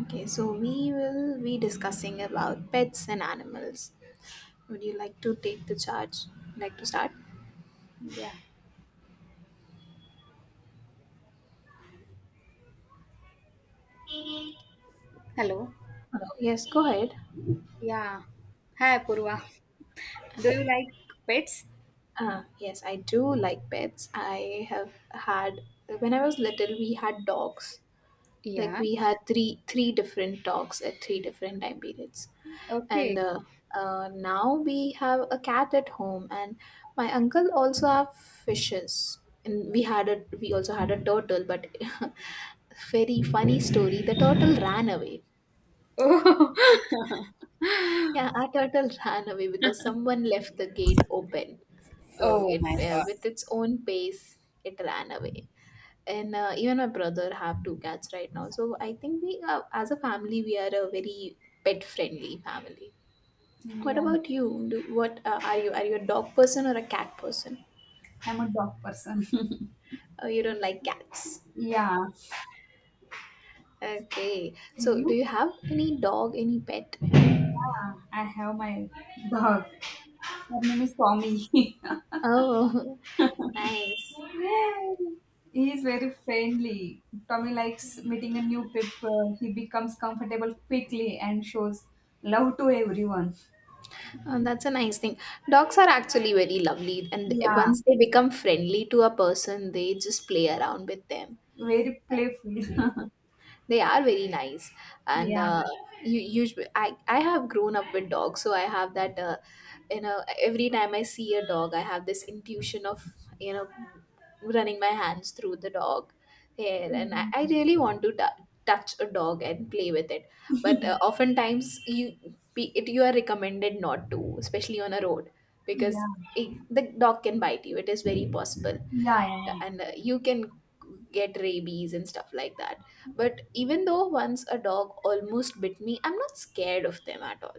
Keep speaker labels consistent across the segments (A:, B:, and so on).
A: Okay, so we will be discussing about pets and animals. Would you like to take the charge? Like to start?
B: Yeah. Hello.
A: Hello. Yes, go ahead.
B: Yeah. Hi, Purva. Do you like pets?
A: Ah, yes, I do like pets. I have had When I was little, we had dogs. Like
B: Yeah.
A: we had three different dogs at three different time periods.
B: Okay.
A: And now we have a cat at home, and my uncle also have fishes. And we also had a turtle, but very funny story, the turtle ran away.
B: Oh,
A: Yeah, our turtle ran away because someone left the gate open. So
B: oh
A: it,
B: my God.
A: with its own pace, it ran away. And even my brother have two cats right now, so I think we, as a family, we are a very pet friendly family. What
B: Yeah,
A: about you? What are you? Are you a dog person or a cat person?
B: I'm a dog person.
A: Oh, you don't like cats.
B: yeah,
A: Okay. So, do
B: you?
A: you have any dog, any pet?
B: Yeah, I have my dog. Her name is Tommy.
A: Oh, nice.
B: yeah, he is very friendly. Tommy likes meeting a new people. He becomes comfortable quickly and shows love to everyone.
A: Oh, that's a nice thing. Dogs are actually very lovely, and
B: Yeah,
A: once they become friendly to a person, they just play around with them.
B: very playful.
A: They are very nice, and
B: yeah,
A: you usually I have grown up with dogs, so I have that. You know every time I see a dog, I have this intuition of, you know running my hands through the dog hair, and I
B: Mm,
A: really want to touch a dog and play with it. But oftentimes you, you are recommended not to, especially on a road,
B: yeah.
A: because the dog can bite you. It is very possible,
B: Yeah, yeah, yeah.
A: and you can get rabies and stuff like that. But even though once a dog almost bit me, I'm not scared of them at all.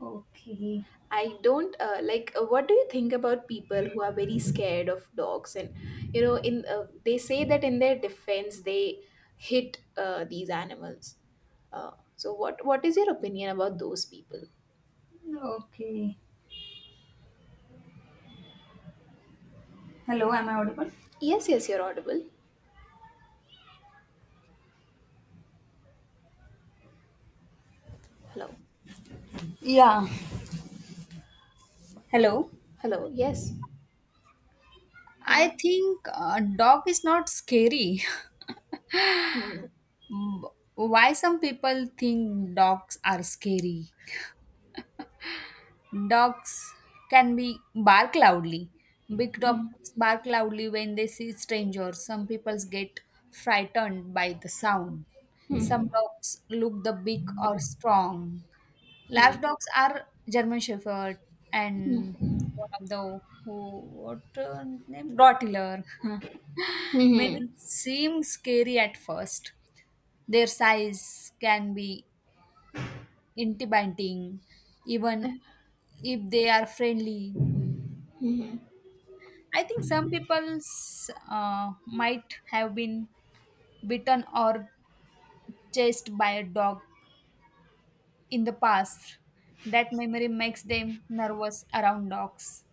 B: Okay.
A: I don't, like. What do you think about people who are very scared of dogs? And, you know, in they say that in their defense, they hit these animals. So what is your opinion about those people?
B: Okay. Hello, am I audible?
A: Yes, yes, you're audible. Hello,
B: Yeah. Hello.
A: hello. Yes.
B: I
A: Uh,
B: think dog is not scary.
A: hmm.
B: Mm, Why some people think dogs are scary? Dogs can be bark loudly. Big
A: Hmm.
B: dogs bark loudly when they see strangers. Some people get frightened by the sound.
A: Hmm.
B: Some dogs look the big or strong.
A: Hmm.
B: Lap dogs are German Shepherd and one of the who what name Rottweiler. Many
A: Hmm.
B: seem scary at first. Their size can be intimidating, even if they are friendly. I think some people might have been bitten or chased by a dog in the past. That memory makes them nervous around dogs.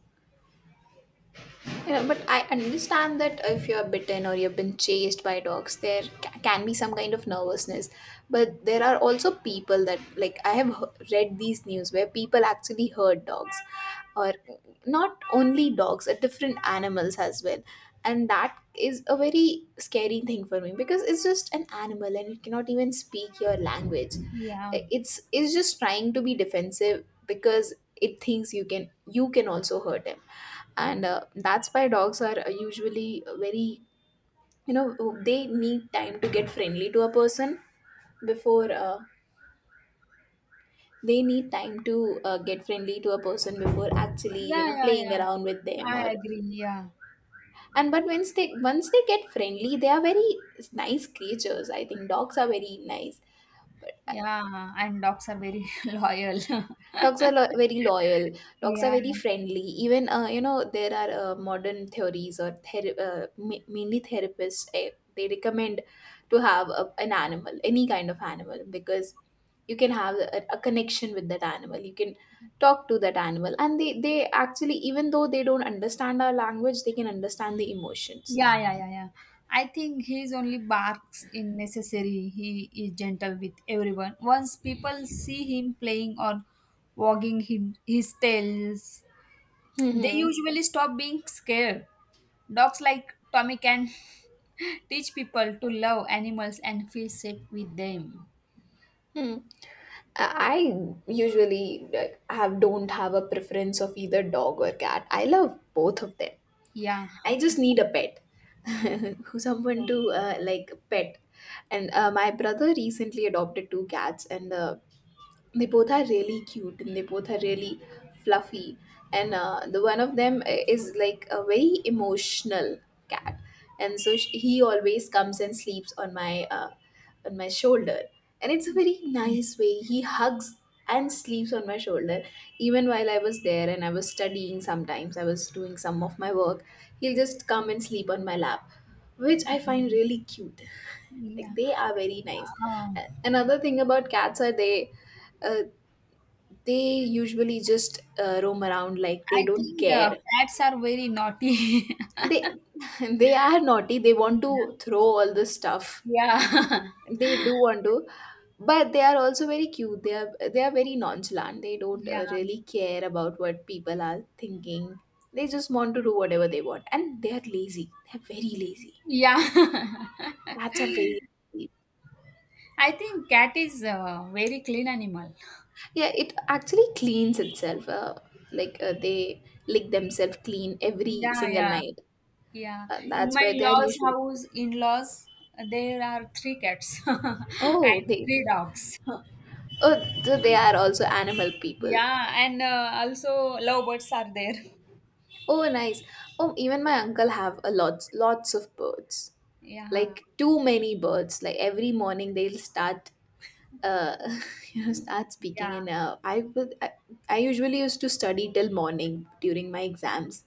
A: You know, but I understand that if you're bitten or you've been chased by dogs, there can be some kind of nervousness. But there are also people that, like, I have read these news where people actually hurt dogs, or not only dogs, different animals as well. And that is a very scary thing for me because it's just an animal, and it cannot even speak your language.
B: Yeah.
A: It's just trying to be defensive because it thinks you can also hurt him. And that's why dogs are, usually very, you know they need time to get friendly to a person before, they need time to, get friendly to a person before actually,
B: Yeah, yeah,
A: playing
B: yeah.
A: around with them, or,
B: I agree. Yeah.
A: and but once they get friendly, they are very nice creatures. I think dogs are very nice.
B: Yeah. And dogs are very loyal.
A: Dogs are very loyal. Dogs are
B: Yeah.
A: very friendly. Even, there are modern theories or mainly therapists. They recommend to have an animal, any kind of animal, because you can have a connection with that animal. You can talk to that animal, and they actually, even though they don't understand our language, they can understand the emotions.
B: Yeah, yeah, yeah, yeah. I think he's only barks in necessary. He is gentle with everyone. Once people see him playing or wagging him his tails, they
A: Mm-hmm.
B: usually stop being scared. Dogs like Tommy can teach people to love animals and feel safe with them.
A: Hmm. I usually, like, have don't have a preference of either dog or cat. I love both of them.
B: Yeah.
A: I just need a pet, who someone to, like, pet. And my brother recently adopted two cats, and they both are really cute, and they both are really fluffy. And the one of them is like a very emotional cat, and so sh he always comes and sleeps on my shoulder. And it's a very
B: Okay.
A: nice way. He hugs and sleeps on my shoulder. Even while I was there and I was studying, sometimes I was doing some of my work, he'll just come and sleep on my lap, which I find really cute. Like,
B: Yeah.
A: they are very nice.
B: Um,
A: Another thing about cats are they, uh, they usually just, roam around, like,
B: I
A: they don't
B: think
A: care.
B: cats are very naughty.
A: They they are naughty. They want to throw all the stuff
B: Yeah.
A: they do want to, but they are also very cute. They are very nonchalant. They don't,
B: Yeah.
A: really care about what people are thinking. They just want to do whatever they want, and they are lazy. They're very lazy.
B: Yeah.
A: Cats are very lazy.
B: I think cat is a very clean animal.
A: Yeah, it actually cleans itself, like, they lick themselves clean every
B: Yeah,
A: single
B: yeah.
A: night.
B: Yeah. In
A: That's
B: my
A: why they are
B: laws
A: usually...
B: house, in-laws, there are three cats and
A: Oh, they...
B: three dogs.
A: Oh, they are also animal people.
B: Yeah, and also lovebirds are there.
A: Oh, nice. Oh, even my uncle have a lots of birds.
B: Yeah.
A: Like, too many birds. Like, every morning they'll start, uh start
B: Yeah.
A: speaking. And I would, I usually used to study till morning during my exams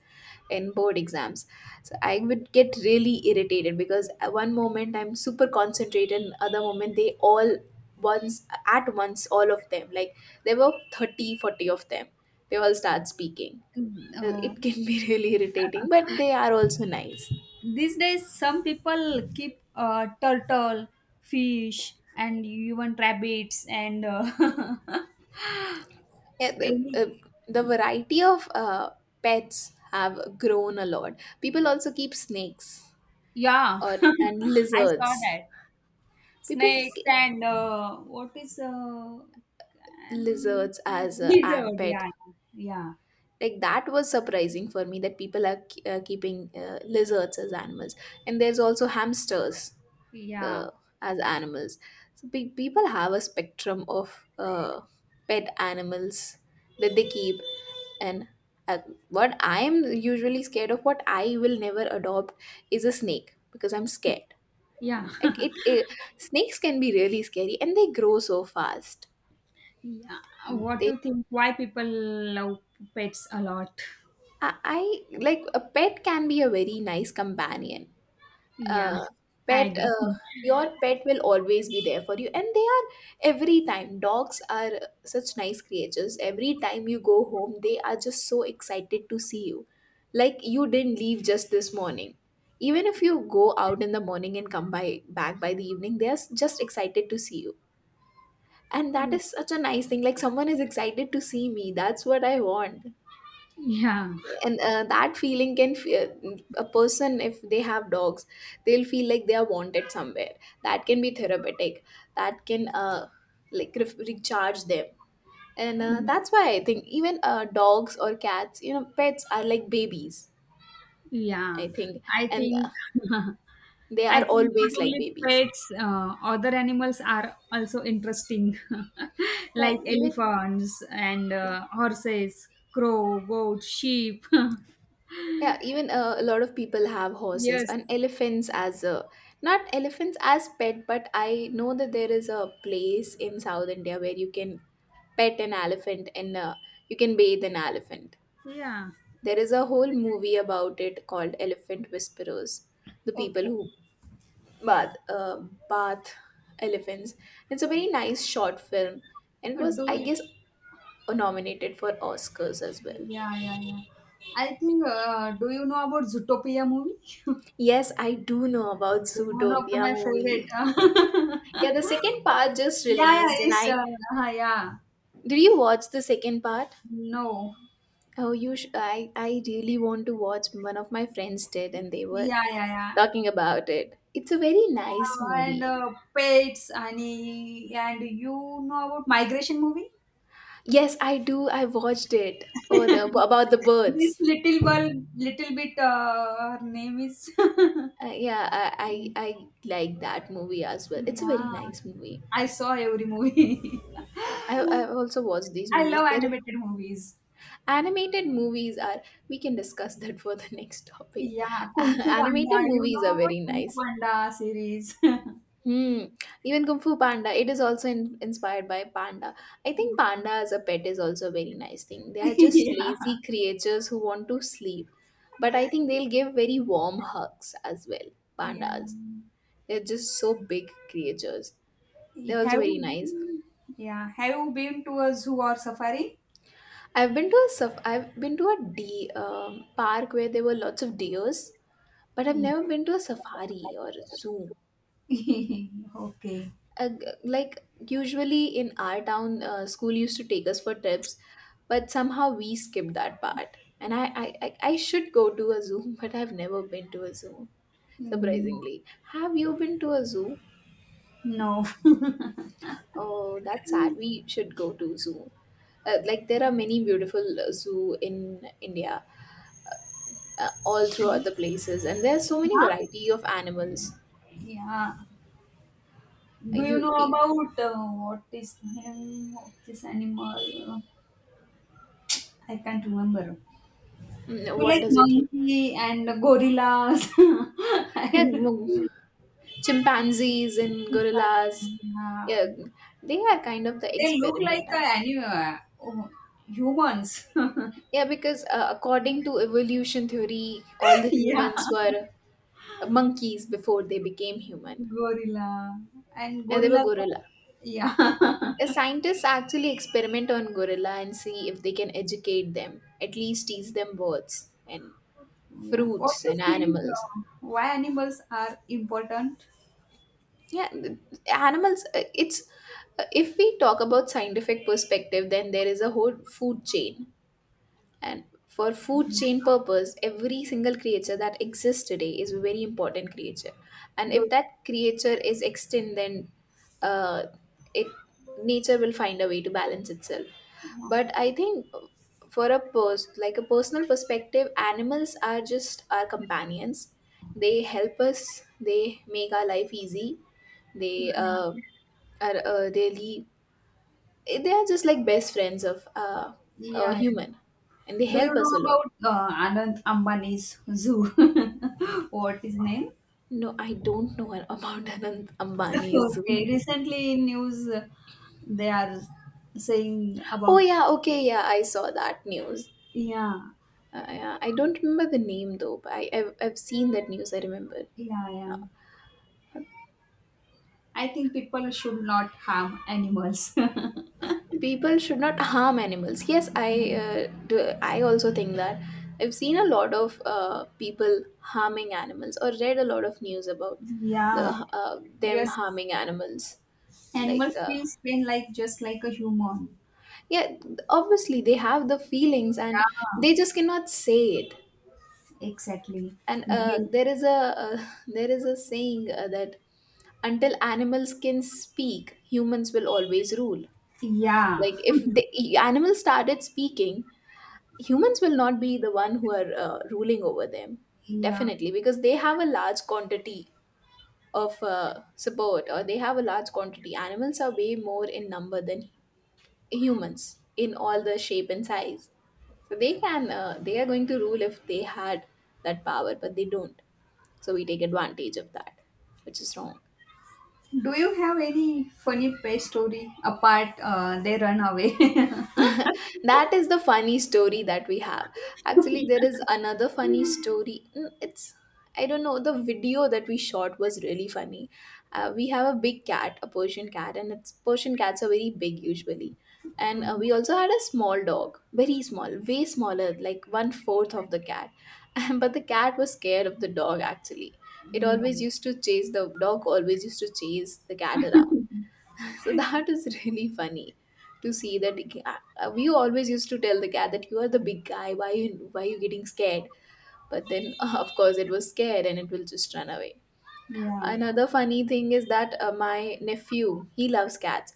A: and board exams. So I would get really irritated because at one moment I'm super concentrated, and other moment they all, once at once, all of them, like, there were 30, 40 of them, they all start speaking.
B: Mm, oh,
A: It can be really irritating, but they are also nice.
B: these days some people keep turtle fish and even rabbits and
A: Yeah,
B: any
A: the variety of, pets have grown a lot. People also keep snakes,
B: yeah,
A: or and
B: I saw
A: lizards.
B: that
A: People
B: snakes
A: k-
B: and what is
A: Lizards as a an
B: lizard,
A: pet.
B: yeah, yeah,
A: Like, that was surprising for me that people are keeping, lizards as animals. And there's also hamsters,
B: yeah,
A: the as animals. So people have a spectrum of pet animals that they keep. And uh, what I am usually scared of, what I will never adopt, is a snake because I'm scared.
B: yeah.
A: Like, it snakes can be really scary, and they grow so fast.
B: Yeah, what do
A: They
B: you think, why people love pets a lot?
A: I like, a pet can be a very nice companion.
B: Yeah,
A: Uh,
B: I
A: pet
B: agree.
A: Your pet will always be there for you, and they are... every time, dogs are such nice creatures. Every time you go home, they are just so excited to see you, like you didn't leave just this morning. Even if you go out in the morning and come by back by the evening, they are just excited to see you. And that is such a nice thing. Like, someone is excited to see me, that's what I want.
B: Yeah,
A: And that feeling can, a person, if they have dogs, they'll feel like they are wanted somewhere. That can be therapeutic. That can, like, recharge them. And that's why I think, even, dogs or cats, pets are like babies,
B: yeah,
A: I think.
B: I
A: And
B: think.
A: they
B: I
A: are
B: think not
A: always like
B: only
A: babies.
B: pets, other animals are also interesting,
A: Yeah,
B: like
A: even...
B: elephants and horses, crow, goat, sheep.
A: Yeah, even, a lot of people have horses
B: Yes,
A: and elephants as a not elephants as pet, but I know that there is a place in South India where you can pet an elephant, and you can bathe an elephant.
B: yeah.
A: There is a whole movie about it called Elephant Whisperers, the people
B: Okay.
A: who bath uh, bath elephants. It's a very nice short film, and it was,
B: Do
A: I
B: you,
A: guess, nominated for Oscars as well.
B: yeah, yeah, yeah. I think. Do you know about Zootopia movie?
A: Yes, I do know about
B: One of
A: Zootopia
B: my
A: movie.
B: favorite.
A: Yeah, the second part just
B: Yeah,
A: released,
B: yeah,
A: and
B: it's.
A: I
B: Yeah.
A: did you watch the second part?
B: No.
A: Oh, I really want to watch. One of my friends did, and they were
B: Yeah, yeah, yeah.
A: talking about it. It's a very nice
B: And
A: movie.
B: Pets, Annie, and you know about Migration movie?
A: Yes, I do. I watched it. Oh, the about the
B: This
A: birds.
B: little girl, little bit, her name is.
A: Yeah, I like that movie as well. It's a very
B: Yeah,
A: nice movie.
B: I saw every movie.
A: I I also watch these
B: I
A: movies.
B: love animated movies.
A: Animated movies are... We can discuss that for the next topic.
B: Yeah, Kung Fu Panda.
A: Animated
B: You
A: movies
B: know
A: are
B: about
A: very
B: Kung Fu
A: nice.
B: Panda series. Yeah,
A: Hmm. Even Kung Fu Panda, it is also inspired by panda. I think panda as a pet is also a very nice thing. They are just lazy creatures who want to sleep, but I think they'll give very warm hugs as well.
B: yeah.
A: Pandas, they're just so big creatures. They're also
B: Have
A: very nice.
B: you, yeah. Have you been to a zoo or safari?
A: I've been to a park where there were lots of deers, but I've never been to a safari or a zoo.
B: Okay.
A: uh, like usually in our town school used to take us for trips, but somehow we skipped that part, and I should go to a zoo but I've never been to a zoo
B: Mm,
A: surprisingly. Have you been to a zoo?
B: no.
A: Oh, that's sad. We should go to zoo. Like there are many beautiful zoo in india, all throughout the places, and there are so many
B: Huh?
A: variety of animals.
B: Yeah.
A: Uh,
B: Do you
A: you
B: know
A: mm,
B: about what is name of this animal? I can't remember. You
A: what
B: like
A: does it?
B: monkey and gorillas
A: Yeah.
B: and
A: Chimpanzees and gorillas.
B: yeah.
A: Yeah, they are kind of the
B: They look like
A: experiment.
B: animal, oh, humans.
A: Yeah, because according to evolution theory all the
B: Yeah,
A: humans were monkeys before they became human.
B: gorilla and
A: And they were
B: gorilla.
A: gorilla.
B: Yeah.
A: The scientists actually experiment on gorilla and see if they can educate them, at least teach them birds and
B: Yeah. What
A: fruits
B: do you
A: and
B: think?
A: animals.
B: Why animals are important?
A: yeah th- Animals, it's if we talk about scientific perspective, then there is a whole food chain. And for food chain purpose, every single creature that exists today is a very important creature. And if
B: Do,
A: that creature is extinct, then, uh, it nature will find a way to balance itself.
B: yeah.
A: But I think for a post like a personal perspective, animals are just our companions. They help us. They make our life easy. They are uh, they leave, they are just like best friends of a
B: Yeah. Yeah.
A: human, and they
B: Do you
A: help
B: know
A: us a lot.
B: about Anand Ambani's zoo? What is name?
A: No, I don't know about Anand Ambani's.
B: Okay. Recently in news, they are saying
A: Oh
B: about,
A: yeah, okay, yeah, I saw that news.
B: yeah,
A: Yeah, I don't remember the name though, but I've seen that news. I remember.
B: yeah,
A: Uh,
B: yeah. I think people should not harm animals.
A: people should not harm animals. Yes, I do, I also think that. I've seen a lot of people harming animals, or read a lot of news about the
B: Yeah.
A: them
B: Yes.
A: harming animals. Like,
B: Animals feels pain like just like a human.
A: yeah, obviously they have the feelings, and they
B: Yeah.
A: just cannot say it.
B: Exactly.
A: And
B: You-
A: there is a there is a saying that until animals can speak, humans will always rule.
B: Yeah,
A: Like if the animals started speaking, humans will not be the one who are ruling over them.
B: yeah.
A: Definitely, because they have a large quantity of support, or they have a large quantity. Animals are way more in number than humans in all the shape and size, so they can they are going to rule if they had that power, but they don't, so we take advantage of that, which is wrong.
B: Do you have any funny pet story apart? They run away.
A: That is the funny story that we have. Actually there is another funny story. It's, I don't know, the video that we shot was really funny. We have a big cat, a persian cat, and it's persian cats are very big usually. And we also had a small dog, very small, way smaller, like one fourth of the cat. But the cat was scared of the dog actually. It always
B: Yeah,
A: used to chase the dog, always used to chase the cat around. So that is really funny to see that. uh, we always used to tell the cat that you are the big guy, why are you getting scared? But then of course it was scared, and it will just run away.
B: yeah.
A: Another funny thing is that my nephew, he loves cats.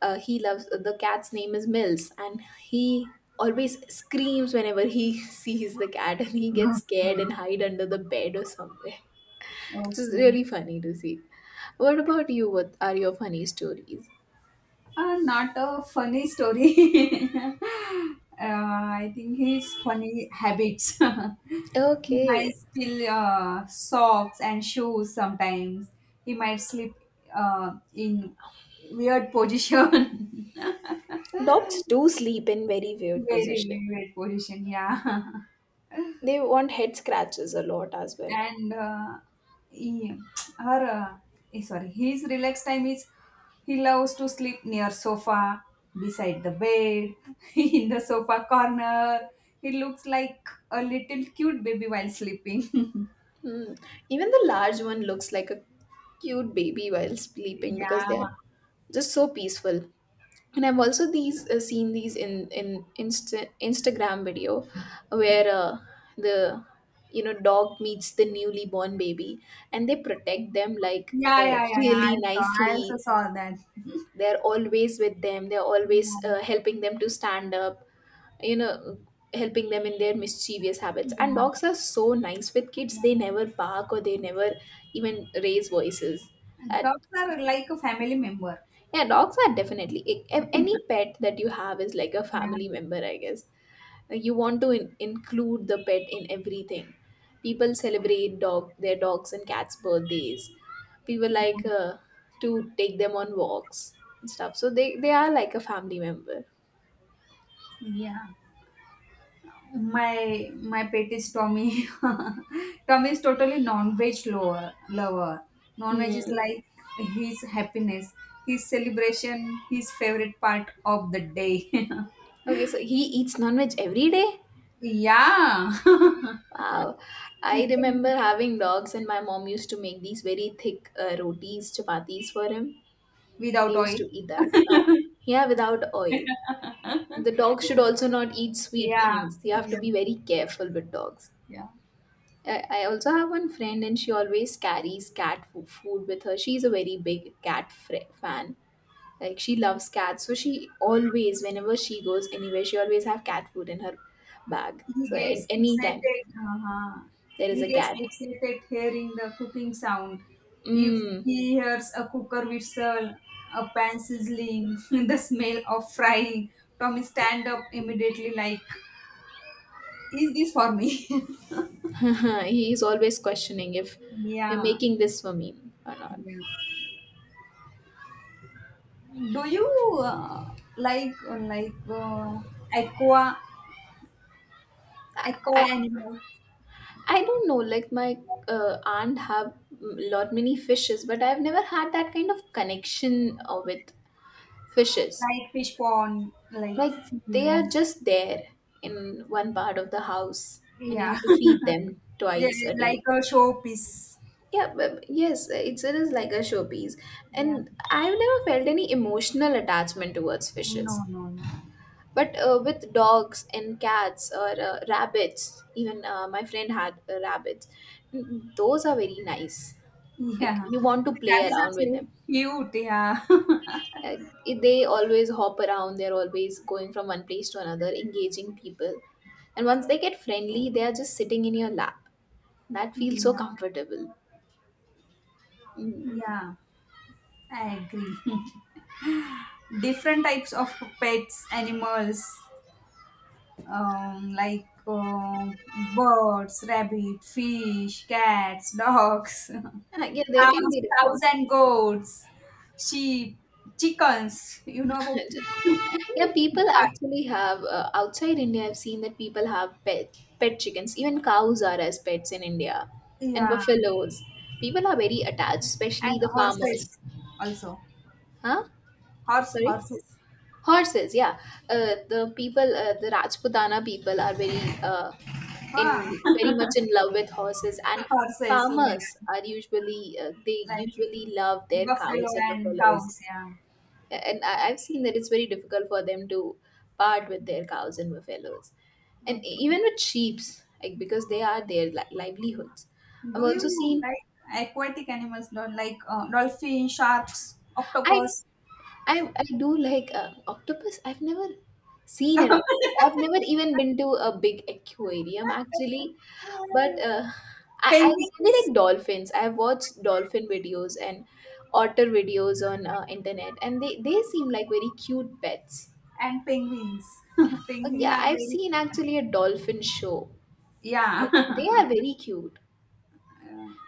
A: He loves The cat's name is mills, and he always screams whenever he sees the cat, and he gets
B: Okay.
A: scared and hide under the bed or somewhere. It's is
B: Okay.
A: really funny to see. What about you? What are your funny stories?
B: Not a funny story. uh, I think his funny habits. He might
A: Okay.
B: steal socks and shoes sometimes. He might sleep in weird position.
A: Dogs
B: Very
A: do sleep in very weird position.
B: weird position, yeah.
A: They want head scratches a lot as well.
B: And he, her, sorry, his relaxed time is he loves to sleep near sofa, beside the bed, in the sofa corner. He looks like a little cute baby while sleeping.
A: Hmm. Even the large one looks like a cute baby while sleeping,
B: Yeah,
A: because they are just so peaceful. And I've also these seen these in Insta- Instagram video where the you know, dog meets the newly born baby, and they protect them like
B: yeah, yeah, yeah, yeah.
A: really
B: I also
A: nicely.
B: saw that.
A: They're always with them. They're always
B: Yeah,
A: helping them to stand up, you know, helping them in their mischievous habits. And
B: yeah,
A: dogs are so nice with kids,
B: yeah.
A: they never bark or they never even raise voices that.
B: Dogs are like a family member.
A: Yeah, dogs are definitely any pet that you have is like a family
B: Yeah,
A: member, I guess. Like, you want to in- include the pet in everything. People celebrate dog their dogs and cats birthdays. People like to take them on walks and stuff, so they are like a family member.
B: yeah. My pet is Tommy. Tommy is totally non-veg lover. Non-veg is
A: Hmm.
B: like his happiness, his celebration, his favorite part of the day.
A: Okay, so he eats non-veg every day.
B: Yeah,
A: Wow. I
B: chicken
A: remember having dogs, and my mom used to make these very thick rotis, chapatis for him. They
B: without
A: used
B: oil.
A: to eat that. Yeah, without oil. The dog should also not eat sweet
B: Yeah,
A: things. You have to
B: yeah,
A: be very careful with dogs.
B: yeah.
A: I also have one friend, and she always carries cat fo- food with her. She's a very big cat fr- fan. Like she loves cats, so she always, whenever she goes anywhere, she always have cat food in her bag.
B: He
A: So at
B: gets
A: any time
B: excited. Uh-huh.
A: there is
B: He
A: a
B: gets
A: cat.
B: excited hearing the cooking sound. If
A: Mm.
B: he hears a cooker whistle, a pan sizzling, the smell of frying, Tommy stand up immediately like, "Is this for me?"
A: He is always questioning if you're
B: Yeah.
A: making this for me or not.
B: Yeah. Do you uh, like uh, like uh, aqua aqua
A: I
B: animal,
A: I don't know. Like my aunt have lot many fishes, but I've never had that kind of connection with fishes.
B: like fish pond, like
A: Like they are
B: fish.
A: just there in one part of the house, and you
B: Yeah,
A: have to feed them
B: yeah,
A: twice a
B: like
A: day.
B: a showpiece,
A: Yeah, but yes, it is like a showpiece,
B: yeah.
A: and I've never felt any emotional attachment towards
B: No,
A: fishes.
B: no, no.
A: But with dogs and cats or rabbits, even my friend had rabbits. Those are very nice. Like
B: Yeah,
A: you want to play
B: rabbits are
A: around with
B: very
A: them.
B: cute. Yeah,
A: Uh, they always hop around. They're always going from one place to another, engaging people. And once they get friendly, they are just sitting in your lap. That feels so
B: yeah,
A: comfortable. Mm.
B: yeah. I agree. Different types of pets, animals, like birds, rabbit, fish, cats, dogs,
A: And I- yeah, they can be
B: cows
A: different.
B: and goats, sheep, chickens. You know about
A: Yeah,
B: chickens?
A: people actually have outside India. I've seen that people have pet chickens. Even cows are as pets in India, and
B: Yeah,
A: buffaloes. People are very attached, especially
B: and
A: the farmers.
B: horses also.
A: Huh? Sorry,
B: Horses.
A: horses. Yeah, the Rajputana people are very in
B: Ah.
A: very much in love with horses, and
B: Horses,
A: farmers are usually they
B: like
A: usually love their
B: buffalo
A: cows and
B: and
A: buffaloes.
B: cows, yeah.
A: And I've seen that it's very difficult for them to part with their cows and buffaloes, and e-
B: Okay.
A: even with sheep's, like because they are their li- livelihoods. I've
B: Do
A: also
B: you
A: seen.
B: like aquatic animals, like dolphin, sharks,
A: I
B: octopus,
A: I do like octopus. I've never seen an octopus.
B: penguins,
A: I've never even been to a big aquarium actually, but I really like dolphins. I've watched dolphin videos and otter videos on internet, and they seem like very cute pets.
B: and penguins? Penguins
A: Yeah,
B: are
A: I've
B: very,
A: seen actually a dolphin show.
B: yeah.
A: They are very cute,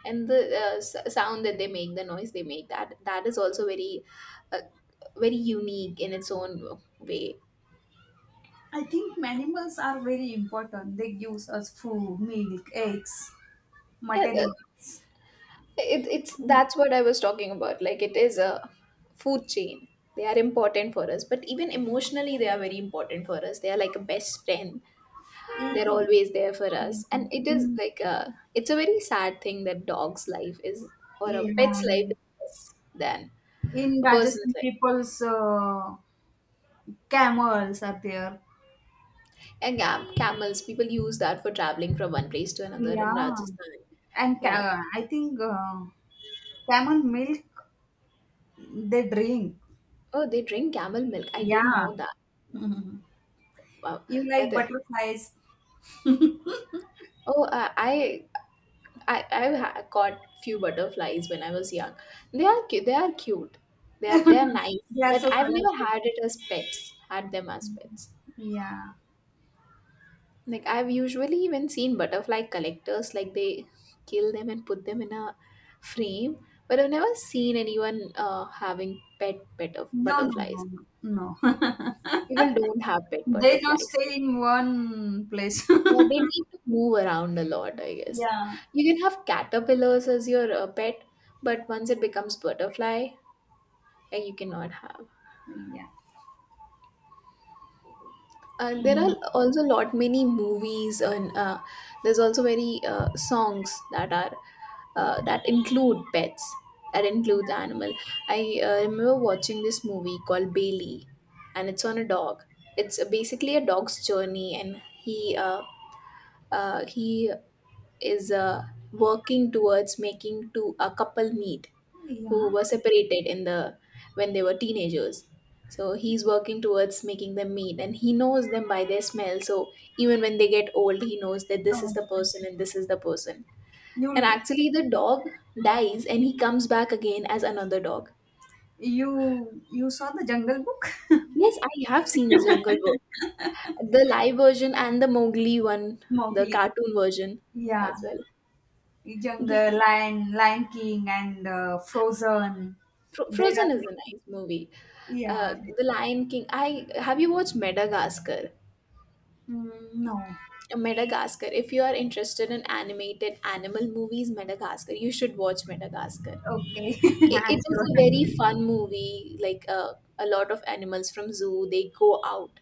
A: and the sound that they make, the noise they make, that is also very, uh, very unique in its own way.
B: I think animals are very important. They give us food, milk, eggs,
A: Yeah, that,
B: materials.
A: it's that's what I was talking about. Like it is a food chain. They are important for us, but even emotionally, they are very important for us. They are like a best friend. They're
B: In,
A: always there for us, and it is
B: in,
A: like a, it's a very sad thing that dog's life is, or a pet's life is
B: in,
A: less than
B: in
A: a person's
B: Rajasthan,
A: life.
B: people's camels are there.
A: And cam- camels, people use that for traveling from one place to another in
B: Yeah.
A: rajasthan.
B: And
A: Yeah.
B: I think camel milk they drink.
A: Oh, they drink camel milk, I didn't
B: Yeah.
A: know that. Wow.
B: You like
A: That is,
B: butterflies.
A: oh I caught few butterflies when I was young. They are they are cute, they are nice,
B: They are
A: but
B: so
A: I've never
B: colorful.
A: had it as pets, had them as pets.
B: Yeah.
A: Like I've usually even seen butterfly collectors, like they kill them and put them in a frame, but I've never seen anyone having pet of
B: No, no,
A: butterflies.
B: no, no. No.
A: People don't have pet
B: They don't
A: butterflies.
B: stay in one place.
A: Yeah, they need to move around a lot, I guess.
B: Yeah.
A: You can have caterpillars as your pet, but once it becomes butterfly, you cannot have.
B: Yeah.
A: There
B: Mm.
A: are also lot many movies and there's also very songs that are that include pets, that include the animal. I remember watching this movie called bailey, and it's on a dog. It's basically a dog's journey, and he uh, he is working towards making to a couple meet who
B: Yeah.
A: were separated in the, when they were teenagers. So he's working towards making them meet, and he knows them by their smell. So even when they get old, he knows that this is
B: Oh.
A: the person and this is the person. And
B: You
A: actually the dog dies, and he comes back again as another dog.
B: you you saw the Jungle Book?
A: Yes, I have seen Jungle Book. The live version and the Mowgli one, the
B: Mowgli.
A: cartoon version
B: Yeah.
A: as well. The,
B: Jungle, Lion King, and Frozen.
A: Fro- Frozen is
B: No,
A: a nice movie.
B: yeah,
A: The Lion King. I have, you watched Madagascar?
B: mm, no,
A: Madagascar. If you are interested in animated animal movies, Madagascar, you should watch Madagascar.
B: okay,
A: It is
B: sure.
A: a very fun movie. Like a lot of animals from zoo, they go out,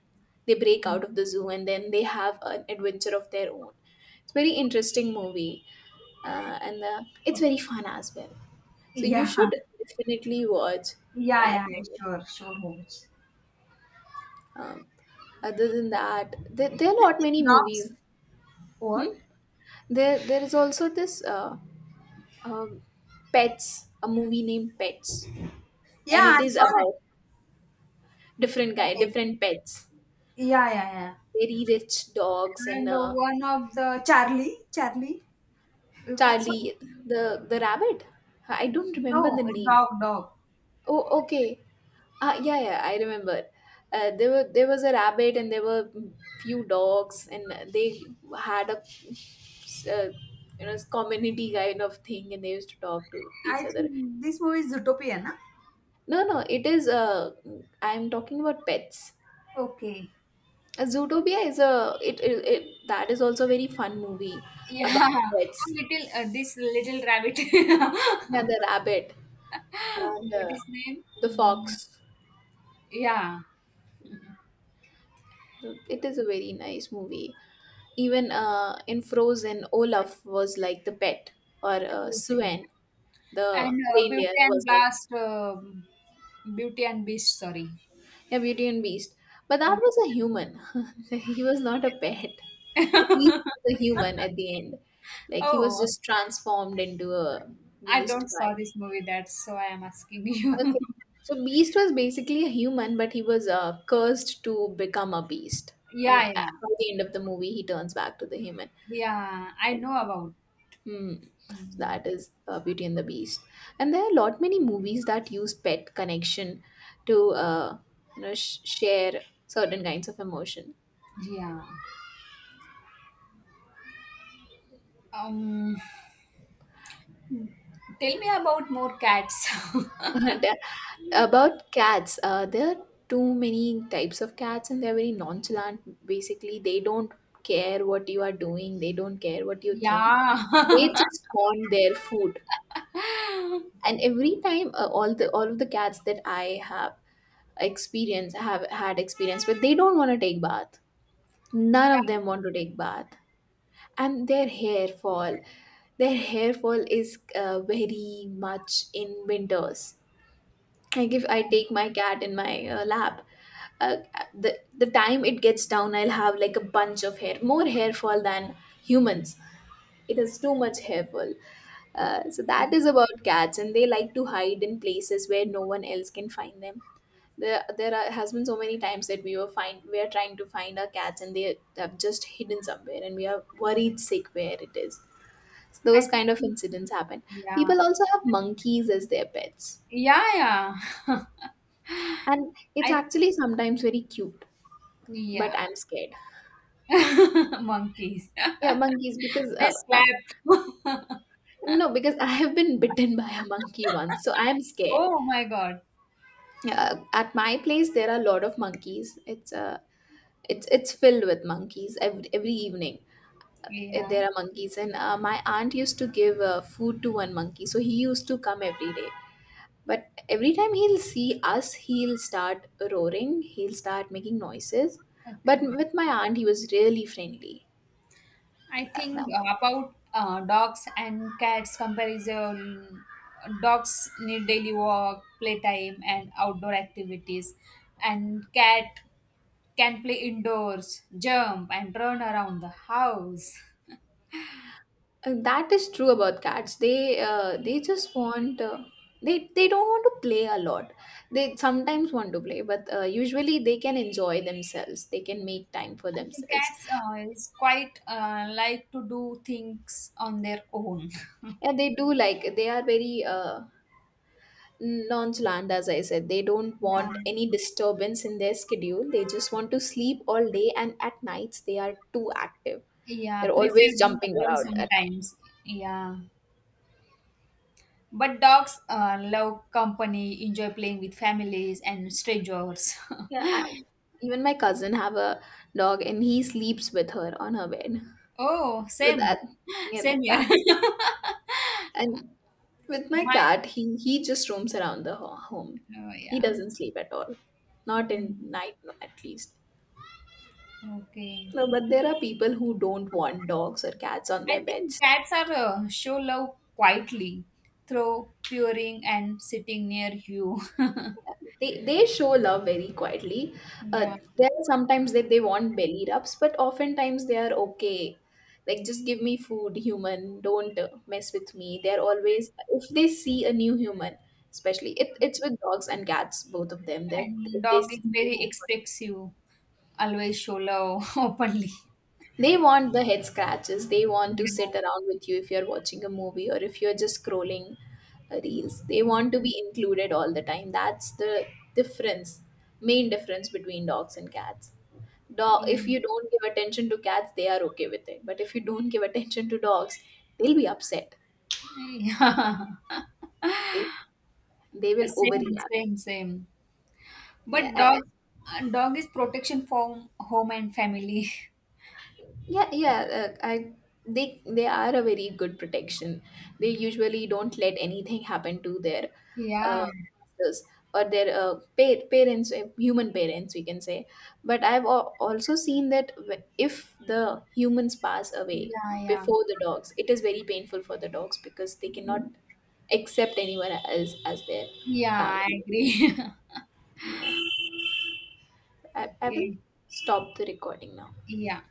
A: they break
B: Mm,
A: out of the zoo, and then they have an adventure of their own. It's very interesting movie, and it's very fun as well. So you
B: yeah,
A: should definitely watch
B: yeah,
A: that
B: yeah,
A: movie.
B: sure, sure, Hobbits.
A: Um, other than that, there are
B: I
A: not
B: think
A: many
B: dogs,
A: movies.
B: what?
A: Hmm? There is also this. Um, pets, a movie named pets,
B: Yeah,
A: and it
B: I
A: is
B: saw that.
A: about different guy,
B: Uh,
A: different pets,
B: Yeah, yeah, yeah.
A: very rich dogs and
B: And one of the Charlie, you can so,
A: charlie, the the rabbit. I don't remember
B: no,
A: the name.
B: dog.
A: Oh, okay. Ah, yeah, yeah, I remember. There was a rabbit and there were few dogs and they had a uh, community kind of thing and they used to talk to
B: I
A: each other.
B: think this movie is Zootopia, na?
A: No, no, it is I'm talking about pets.
B: Okay.
A: Zootopia is a it, it, it that is also a very fun movie about
B: Yeah, a
A: pets.
B: little this little rabbit. What
A: Yeah, the rabbit and
B: is name?
A: the
B: Hmm.
A: fox.
B: Yeah,
A: So, it is a very nice movie. Even in Frozen, Olaf was like the pet, or
B: Cruising.
A: Sven, the
B: And
A: reindeer,
B: Beauty and
A: was like
B: Blast, Beauty and Beast. Sorry.
A: a Beauty and Beast. But
B: Yeah.
A: that was a human. He was not a pet. The beast was a human at the end. Like he was
B: Oh,
A: just transformed into a
B: I
A: beast
B: don't
A: by
B: saw this movie. That's so I am asking you.
A: okay. So Beast was basically a human, but he was cursed to become a beast. And
B: Yeah,
A: at
B: yeah,
A: by the end of the movie, he turns back to the human.
B: yeah. I know about.
A: Hmm. So
B: Hmm.
A: that is Beauty and the Beast. And there are a lot many movies that use pet connection to share certain kinds of emotion.
B: Yeah. Um, Tell me about more cats.
A: And, about cats, there are too many types of cats, and they're very nonchalant. Basically, they don't care what you are doing, they don't care what you think.
B: Yeah.
A: They just want their food. And every time, all of the cats that I have experience have had experience, but they don't want to take bath. None of
B: Yeah.
A: them want to take bath, and their hair fall. Their hair fall is very much in winters. I take my cat in my lap. Uh, the time it gets down, I'll have like a bunch of hair, more hair fall than humans. It has too much hair fall. So that is about cats, and they like to hide in places where no one else can find them. There has been so many times that we are trying to find our cats, and they have just hidden somewhere, and we are worried sick where it is. So
B: I
A: those kind of
B: think.
A: incidents happen.
B: Yeah.
A: People also have monkeys as their pets.
B: Yeah, yeah.
A: And it's
B: I
A: actually sometimes very cute, but
B: yeah.
A: I'm scared.
B: Monkeys.
A: Yeah, monkeys because
B: They slapped.
A: no, because I have been bitten by a monkey once, so I am scared.
B: Oh my God.
A: At my place, there are a lot of monkeys. It's it's filled with monkeys every evening.
B: Yeah.
A: There are monkeys, and my aunt used to give food to one monkey, so he used to come every day. But every time he'll see us, he'll start roaring. He'll start making noises. But
B: Okay.
A: with my aunt, he was really friendly.
B: I
A: That.
B: think about dogs and cats comparison. Dogs need daily walk, playtime, and outdoor activities, and cat can play indoors, jump, and run around the house.
A: That is true about cats. They just want they don't want to play a lot. They sometimes want to play, but usually they can enjoy themselves. They can make time for
B: I think
A: themselves.
B: cats is quite like to do things on their own.
A: And they do like they are very nonchalant, as I said. They don't want
B: Yeah,
A: any disturbance in their schedule. They just want to sleep all day, and at nights they are too active.
B: yeah,
A: They're
B: prefer
A: always
B: being
A: jumping
B: alone
A: around at night.
B: sometimes. Yeah, but dogs love company, enjoy playing with families and strangers.
A: Yeah, I, even my cousin have a dog, and he sleeps with her on her bed.
B: Oh,
A: So
B: same,
A: that, yeah,
B: same here.
A: that, and with my
B: My,
A: cat, he just roams around the home.
B: oh
A: He
B: yeah.
A: doesn't sleep at all, not in
B: Mm,
A: night no, at least.
B: okay.
A: No, but there are people who don't want dogs or cats on
B: I
A: their
B: think
A: beds.
B: cats are show love quietly through purring and sitting near you.
A: They show love very quietly. Uh,
B: Yeah.
A: there are sometimes that they want belly rubs, but oftentimes they are okay. Like just give me food, human. Don't mess with me. They're always if they see a new human, especially it's with dogs and cats, both of them. That
B: And
A: if they
B: dog
A: see
B: is
A: new,
B: very expressive, always show love openly.
A: they want the head scratches. They want to sit
B: Yeah.
A: around with you if you're watching a movie or if you're just scrolling reels. They want to be included all the time. That's the difference, main difference between dogs and cats. Dog, if
B: Yeah.
A: you don't give attention to cats, they are okay with it. But if you don't give attention to dogs, they'll be upset. They, they will
B: Same,
A: overreact.
B: same, same.
A: Yeah,
B: But
A: I, I
B: dog, uh, dog is protection from home and family.
A: Yeah, yeah. I They are a very good protection. They usually don't let anything happen to their
B: Yeah,
A: uh, masters or their parents, human parents, we can say. But I've also seen that if the humans pass away
B: yeah, yeah.
A: before the dogs, it is very painful for the dogs because they cannot accept anyone else as their
B: Yeah, I
A: family.
B: agree.
A: Yeah. I will
B: Okay.
A: stop the recording now.
B: Yeah.